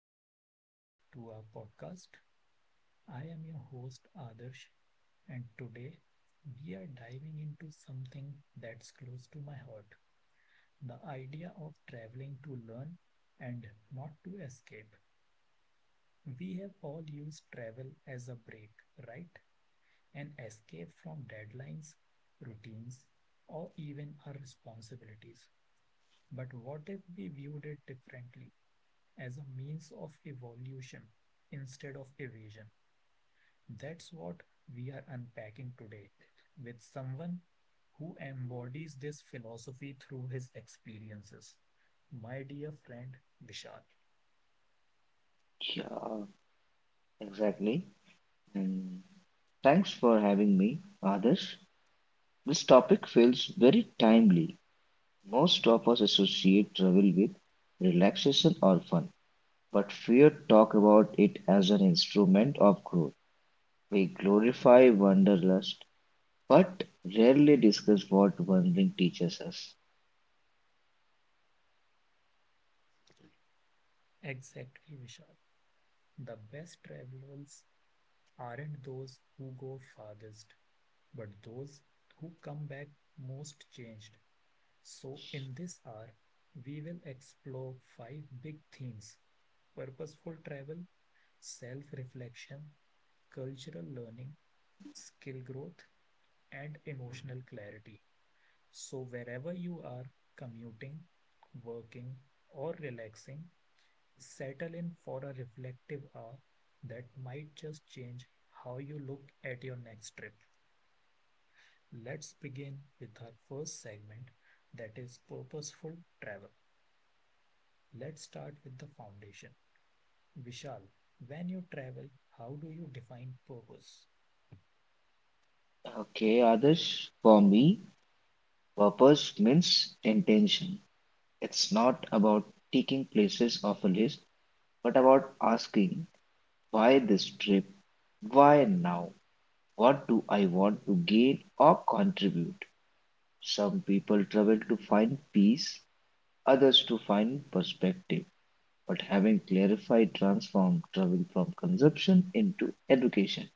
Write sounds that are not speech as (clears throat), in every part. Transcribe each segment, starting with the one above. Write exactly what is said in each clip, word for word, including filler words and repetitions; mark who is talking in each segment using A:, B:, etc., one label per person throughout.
A: welcome everyone to our podcast. I am your host Adarsh, and today we are diving into something that's close to my heart. The idea of traveling to learn and not to escape. We have all used travel as a break, right? An escape from deadlines, routines, or even our responsibilities. But what if we viewed it differently? As a means of evolution instead of evasion. That's what we are unpacking today with someone who embodies this philosophy through his experiences. My dear friend Vishal.
B: Yeah, exactly. And thanks for having me, Adarsh. This topic feels very timely. Most of us associate travel with relaxation or fun, but few talk about it as an instrument of growth. We glorify wanderlust, but rarely discuss what wandering teaches us.
A: Exactly, Vishal. The best travelers aren't those who go farthest, but those who come back most changed. So, in this hour, we will explore five big themes: purposeful travel, self reflection, cultural learning, skill growth, and emotional clarity. So, wherever you are commuting, working, or relaxing, settle in for a reflective hour that might just change how you look at your next trip. Let's begin with our first segment, that is purposeful travel. Let's start with the foundation. Vishal, when you travel, how do you define purpose?
B: Okay, Adarsh, for me, purpose means intention. It's not about ticking places off a list, but about asking, why this trip? Why now? What do I want to gain or contribute? Some people travel to find peace, others to find perspective. But having clarified, transformed travel from consumption into education.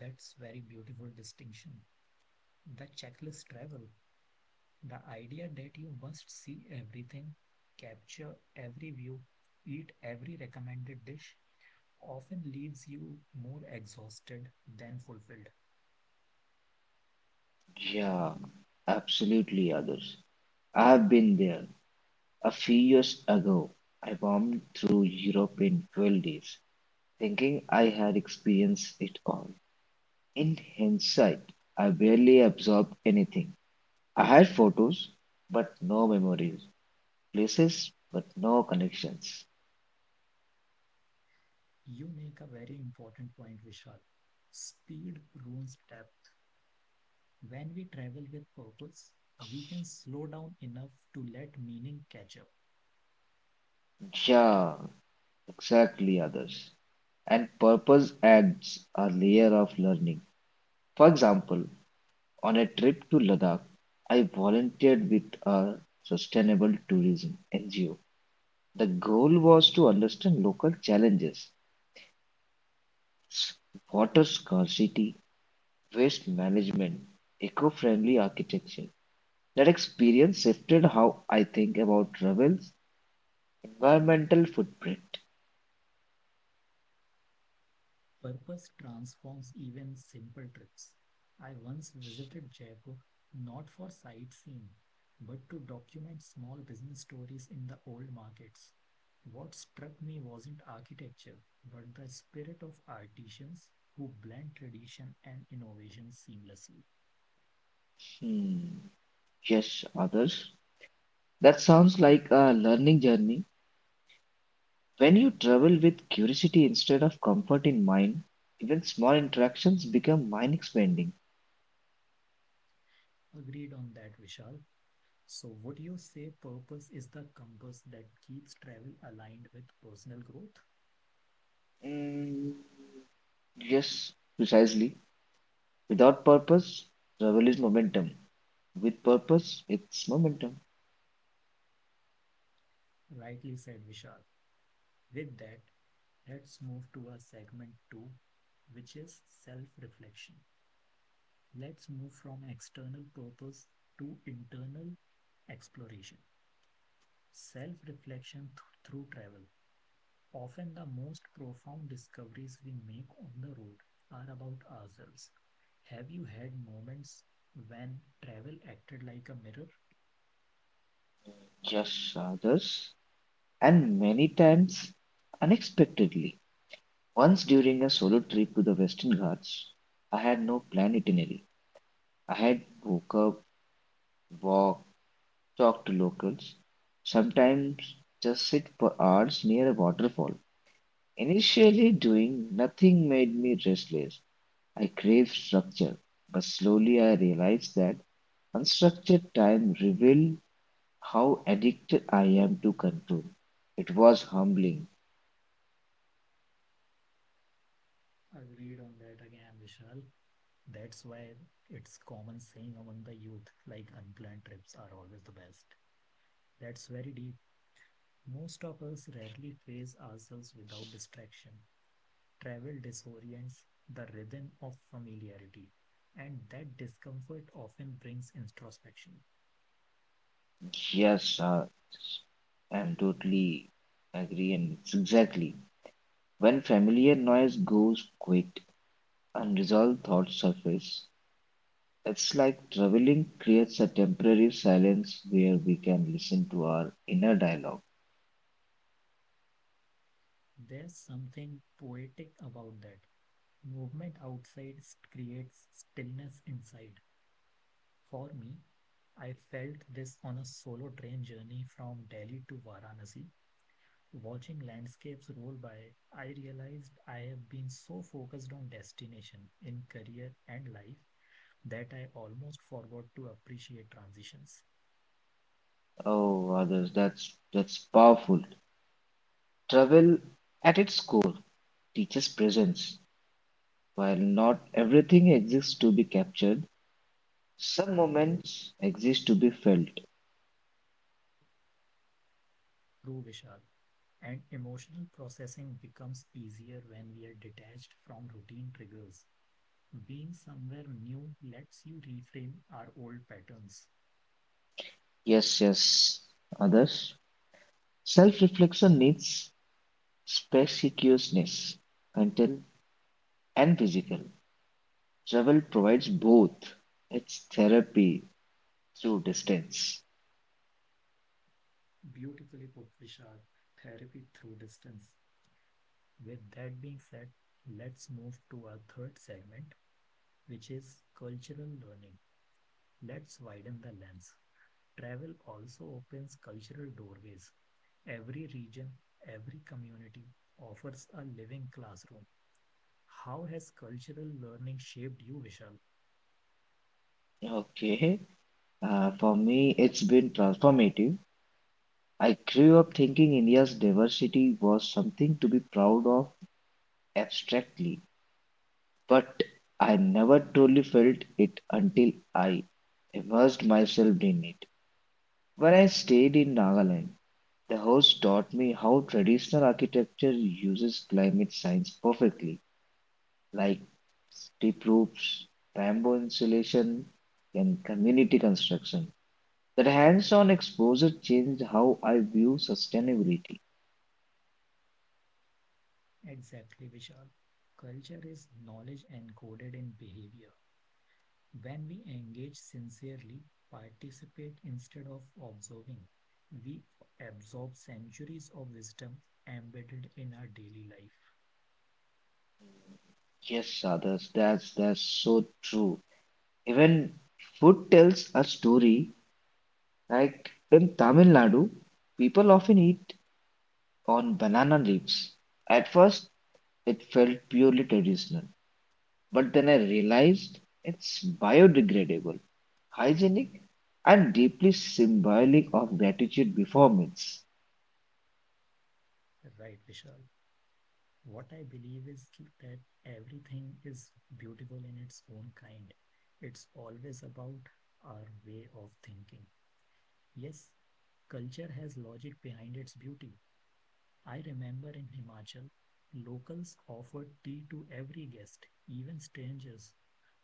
A: That's very beautiful distinction. The checklist travel, the idea that you must see everything, capture every view, eat every recommended dish, often leaves you more exhausted than fulfilled.
B: Yeah, absolutely, others. I have been there. A few years ago, I bombed through Europe in twelve days, thinking I had experienced it all. In hindsight, I barely absorbed anything. I had photos, but no memories, places, but no connections.
A: You make a very important point, Vishal. Speed ruins depth. When we travel with purpose, we can slow down enough to let meaning catch up.
B: Yeah, exactly, others. And purpose adds a layer of learning. For example, on a trip to Ladakh, I volunteered with a sustainable tourism N G O. The goal was to understand local challenges, s- water scarcity, waste management, eco friendly architecture. That experience shifted how I think about travels environmental footprint.
A: Purpose transforms even simple trips. I once visited Jaipur not for sightseeing, but to document small business stories in the old markets. What struck me wasn't architecture, but the spirit of artisans who blend tradition and innovation seamlessly.
B: Hmm. Yes, others. That sounds like a learning journey. When you travel with curiosity instead of comfort in mind, even small interactions become mind expanding.
A: Agreed on that, Vishal. So, would you say purpose is the compass that keeps travel aligned with personal growth?
B: Mm, yes, precisely. Without purpose, travel is momentum. With purpose, it's momentum.
A: Rightly said, Vishal. With that, let's move to our segment two, which is self reflection. Let's move from external purpose to internal exploration. Self reflection through travel. Often, the most profound discoveries we make on the road are about ourselves. Have you had moments when travel acted like a mirror?
B: Yes, others. And many times, unexpectedly. Once during a solo trip to the Western Ghats, I had no planned itinerary. I had woke up, walked, talked to locals, sometimes just sit for hours near a waterfall. Initially, doing nothing made me restless. I craved structure, but slowly I realized that unstructured time revealed how addicted I am to control. It was humbling.
A: Agreed on that again, Vishal. That's why it's common saying among the youth like unplanned trips are always the best. That's very deep. Most of us rarely face ourselves without distraction. Travel disorients the rhythm of familiarity, and that discomfort often brings introspection.
B: Yes, I am totally agree, and it's exactly when familiar noise goes quiet, unresolved thoughts surface. It's like traveling creates a temporary silence where we can listen to our inner dialogue.
A: There's something poetic about that. Movement outside s- creates stillness inside. For me, I felt this on a solo train journey from Delhi to Varanasi. Watching landscapes roll by, I realized I have been so focused on destination in career and life that I almost forgot to appreciate transitions.
B: Oh, others, that's that's powerful. Travel at its core teaches presence. While not everything exists to be captured, some moments exist to be felt.
A: Through Vishal. And emotional processing becomes easier when we are detached from routine triggers. Being somewhere new lets you reframe our old patterns.
B: Yes, yes. Others, self-reflection needs spaciousness, mental and physical. Travel provides both. It's therapy through distance.
A: Beautifully put, Vishal. Therapy through distance. With that being said, let's move to our third segment, which is cultural learning. Let's widen the lens. Travel also opens cultural doorways. Every region, every community offers a living classroom. How has cultural learning shaped you, Vishal?
B: Okay. Uh, for me, it's been transformative. I grew up thinking India's diversity was something to be proud of abstractly, but I never truly felt it until I immersed myself in it. When I stayed in Nagaland, the host taught me how traditional architecture uses climate science perfectly, like steep roofs, bamboo insulation, and community construction. That hands-on exposure changed how I view sustainability.
A: Exactly, Vishal. Culture is knowledge encoded in behavior. When we engage sincerely, participate instead of observing, we absorb centuries of wisdom embedded in our daily life.
B: Yes, others, that's that's so true. Even food tells a story. Like in Tamil Nadu, people often eat on banana leaves. At first, it felt purely traditional, but then I realized it's biodegradable, hygienic, and deeply symbolic of gratitude before meals.
A: Right, Vishal. What I believe is that everything is beautiful in its own kind. It's always about our way of thinking. Yes, culture has logic behind its beauty. I remember in Himachal, locals offered tea to every guest, even strangers.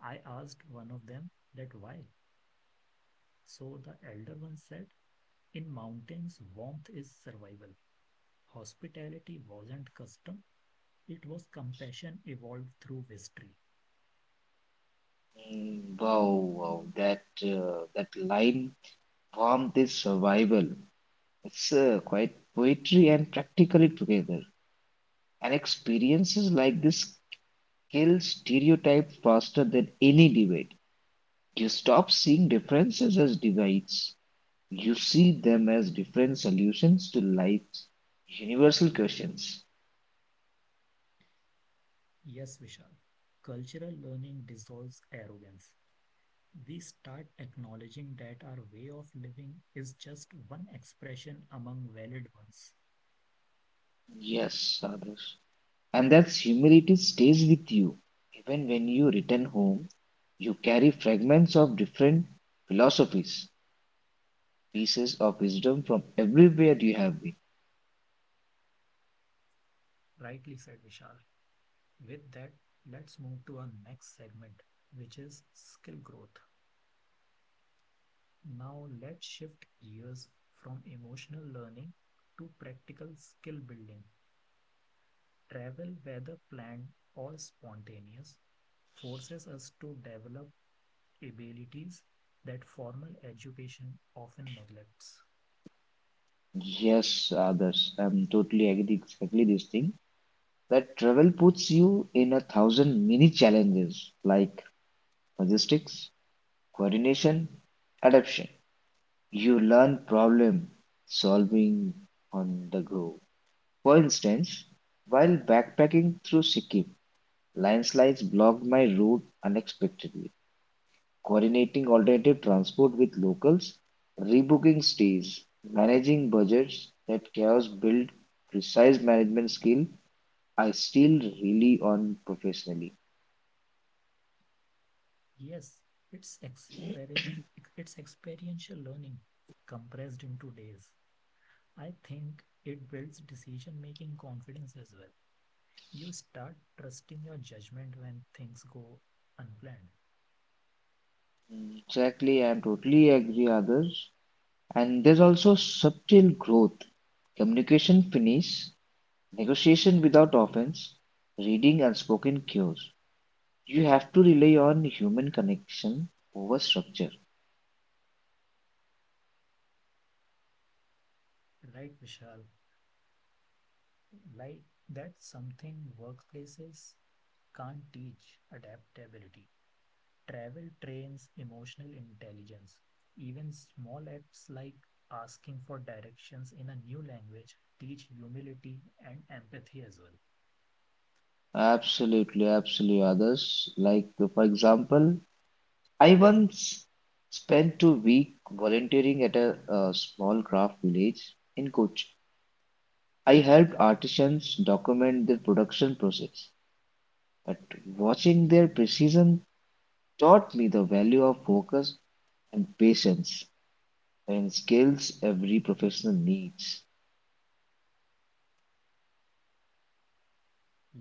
A: I asked one of them that why. So the elder one said, in mountains, warmth is survival. Hospitality wasn't custom, it was compassion evolved through history.
B: Mm, Wow, wow, that uh, that line, harm this survival. It's uh, quite poetry and practically together. And experiences like this kill stereotype faster than any debate. You stop seeing differences as divides. You see them as different solutions to life's universal questions.
A: Yes, Vishal. Cultural learning dissolves arrogance. We start acknowledging that our way of living is just one expression among valid ones.
B: Yes, others. And that humility stays with you. Even when you return home, you carry fragments of different philosophies, pieces of wisdom from everywhere you have been.
A: Rightly said, Vishal. With that, let's move to our next segment, which is skill growth. Now, let's shift gears from emotional learning to practical skill building. Travel, whether planned or spontaneous, forces us to develop abilities that formal education often neglects.
B: Yes, others. I'm totally agree exactly this thing. That travel puts you in a thousand mini challenges like logistics, coordination, adaptation. You learn problem solving on the go. For instance, while backpacking through Sikkim, landslides blocked my route unexpectedly. Coordinating alternative transport with locals, rebooking stays, managing budgets, that chaos build precise management skill I still really on professionally.
A: Yes, it's, experin- it's experiential learning compressed into days. I think it builds decision making confidence as well. You start trusting your judgment when things go unplanned.
B: Exactly, I totally agree, others. And there's also subtle growth, communication finish, negotiation without offense, reading unspoken cues. You have to rely on human connection over structure.
A: Right, Vishal? Like that, something workplaces can't teach adaptability. Travel trains emotional intelligence. Even small acts like asking for directions in a new language teach humility and empathy as well.
B: Absolutely, absolutely, others. Like, uh, for example, I once spent two week volunteering at a, uh small craft village in Kochi. I helped artisans document their production process, but watching their precision taught me the value of focus and patience, and skills every professional needs.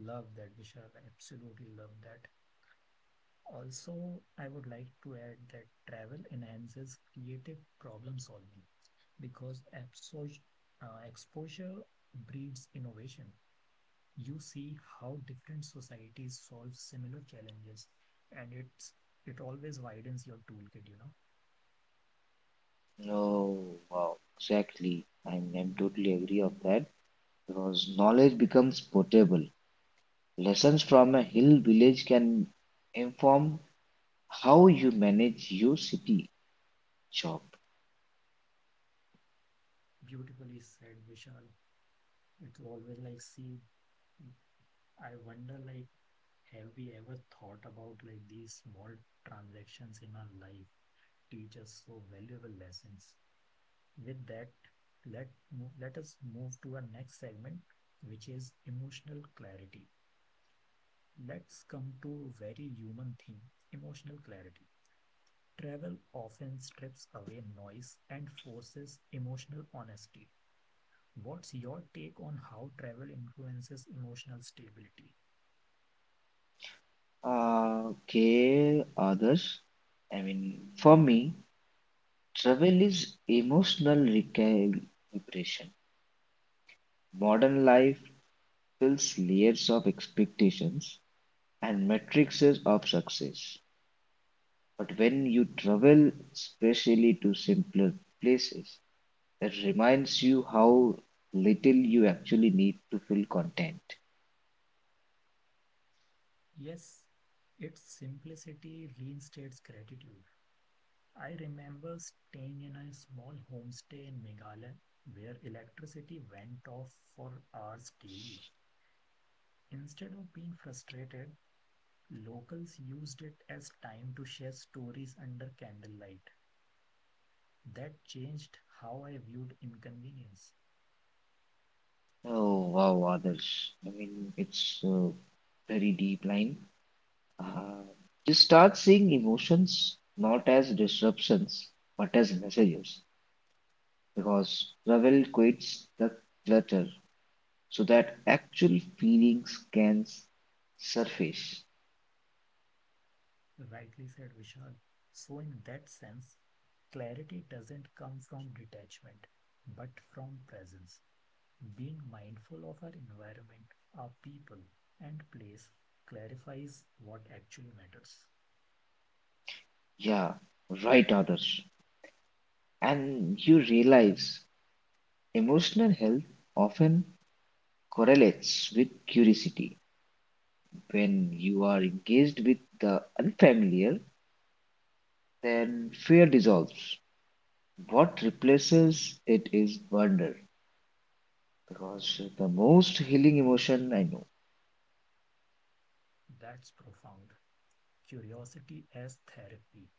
A: Love that, Vishal. I absolutely love that. Also, I would like to add that travel enhances creative problem solving because absor- uh, exposure breeds innovation. You see how different societies solve similar challenges, and it's it always widens your toolkit, you know.
B: No, wow, exactly. I'm, I'm totally agree of that because knowledge becomes portable. Lessons from a hill village can inform how you manage your city job.
A: Beautifully said, Vishal. It's always like, see, I wonder like, have we ever thought about like these small transactions in our life teach us so valuable lessons. With that, let mo- let us move to our next segment, which is emotional clarity. Let's come to a very human theme: emotional clarity. Travel often strips away noise and forces emotional honesty. What's your take on how travel influences emotional stability?
B: Uh, okay, others. I mean, for me, travel is emotional recuperation. Modern life fills layers of expectations and matrices of success. But when you travel, especially to simpler places, it reminds you how little you actually need to feel content.
A: Yes, its simplicity reinstates gratitude. I remember staying in a small homestay in Meghalaya where electricity went off for hours daily. Instead of being frustrated, locals used it as time to share stories under candlelight. That changed how I viewed inconvenience,
B: Oh wow, others. I mean, it's a very deep line. Uh, you start seeing emotions not as disruptions, but as messages, because Ravel quits the clutter so that actual feelings can s- surface.
A: rightly said Vishal. So, in that sense, clarity doesn't come from detachment, but from presence. Being mindful of our environment, our people, and place clarifies what actually matters.
B: Yeah, right, others. And you realize emotional health often correlates with curiosity. When you are engaged with the unfamiliar, then fear dissolves. What replaces it is wonder, because the most healing emotion I know.
A: That's profound. Curiosity as therapy.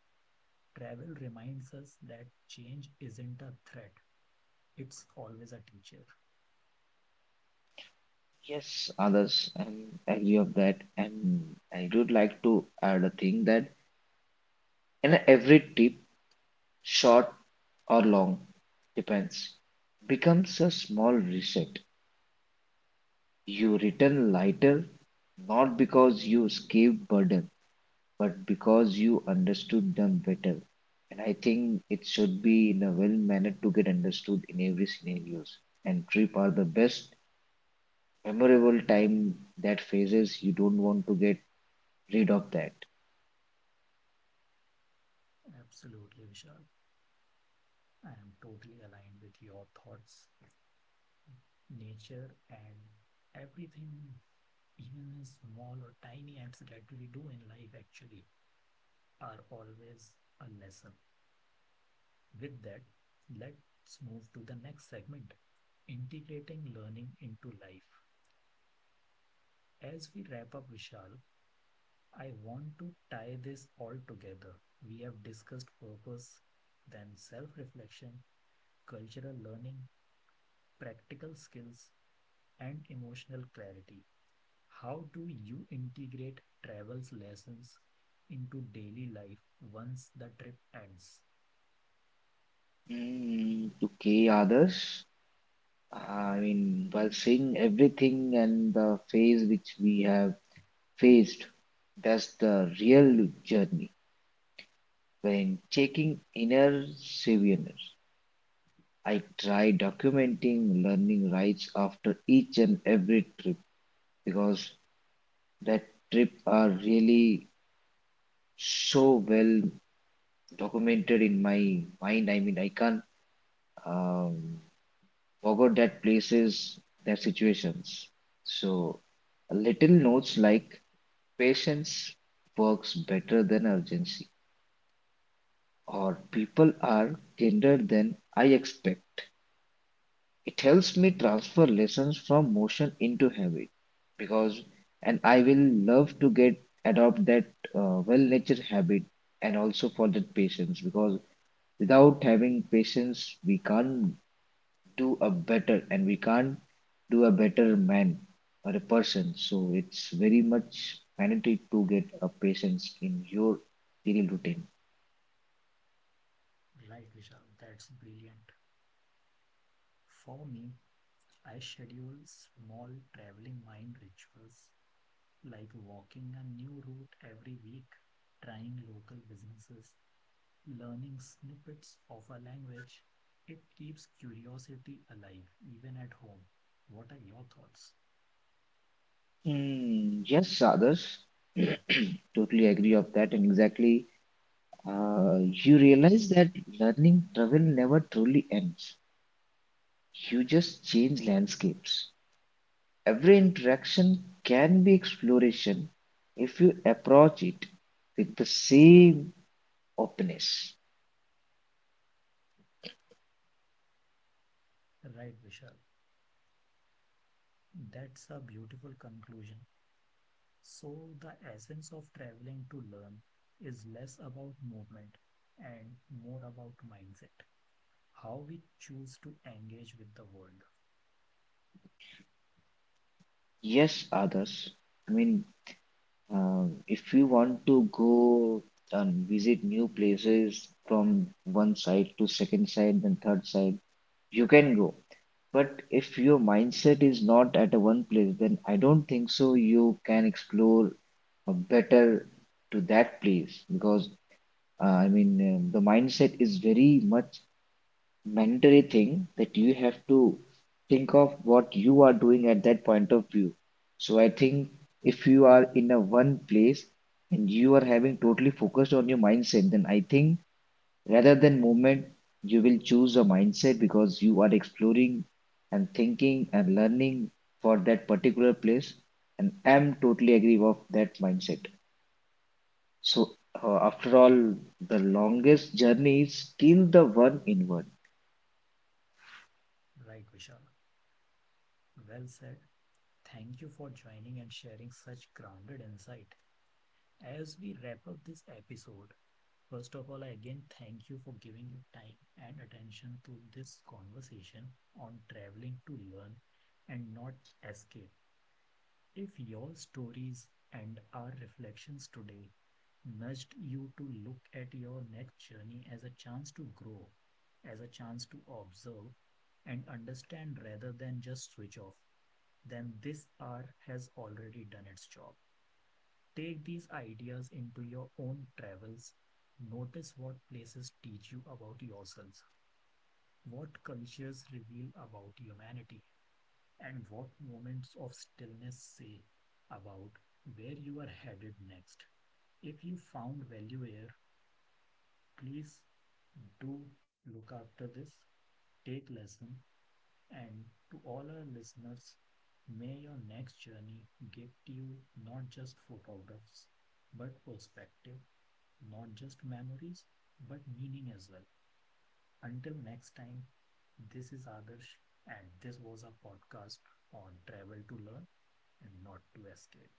A: Travel reminds us that change isn't a threat, it's always a teacher.
B: Yes, others, I agree of that. And I would like to add a thing that in every trip, short or long, depends, becomes a small reset. You return lighter, not because you escape burden, but because you understood them better. And I think it should be in a well manner to get understood in every scenarios. And trip are the best memorable time, that phases you don't want to get rid of that.
A: Absolutely, Vishal. I am totally aligned with your thoughts, nature, and everything, even in small or tiny acts that we do in life, actually, are always a lesson. With that, let's move to the next segment: integrating learning into life. As we wrap up, Vishal, I want to tie this all together. We have discussed purpose, then self reflection, cultural learning, practical skills, and emotional clarity. How do you integrate travels lessons into daily life once the trip ends?
B: Mm, okay, others. I mean, while seeing everything and the phase which we have faced, that's the real journey. When checking inner saviours, I try documenting learning rights after each and every trip because that trip are really so well documented in my mind. I mean, I can't um, forget that places, their situations. So, little notes like patience works better than urgency, or people are kinder than I expect. It helps me transfer lessons from motion into habit because, and I will love to get adopt that uh, well-natured habit, and also for that patience because without having patience, we can't do a better, and we can't do a better man or a person. So it's very much mandatory to get a patience in your daily routine.
A: Right, Vishal, that's brilliant. For me, I schedule small traveling mind rituals like walking a new route every week, trying local businesses, learning snippets of a language. It keeps curiosity alive even at home. What are your thoughts?
B: Hmm, yes, others, (clears throat) totally agree of that, and exactly Uh, you realize that learning travel never truly ends. You just change landscapes. Every interaction can be exploration if you approach it with the same openness.
A: Right, Vishal. That's a beautiful conclusion. So the essence of traveling to learn is less about movement and more about mindset, how we choose to engage with the world.
B: Yes, others. I mean, uh, if you want to go and visit new places from one side to second side, then third side, you can go. But if your mindset is not at a one place, then I don't think so you can explore a better to that place because uh, I mean um, the mindset is very much mandatory thing that you have to think of what you are doing at that point of view. So I think if you are in a one place and you are having totally focused on your mindset, then I think, rather than movement, you will choose a mindset because you are exploring and thinking and learning for that particular place. And I'm totally agree with that mindset. So, uh, after all, the longest journey is still the one inward.
A: Right, Vishal. Well said. Thank you for joining and sharing such grounded insight. As we wrap up this episode, first of all, I again thank you for giving your time and attention to this conversation on traveling to learn and not escape. If your stories and our reflections today nudged you to look at your next journey as a chance to grow, as a chance to observe and understand rather than just switch off, then this hour has already done its job. Take these ideas into your own travels. Notice what places teach you about yourselves, what cultures reveal about humanity, and what moments of stillness say about where you are headed next. If you found value here, please do look after this, take lesson, and to all our listeners, may your next journey give to you not just photographs, but perspective, not just memories, but meaning as well. Until next time, this is Adarsh, and this was a podcast on travel to learn and not to escape.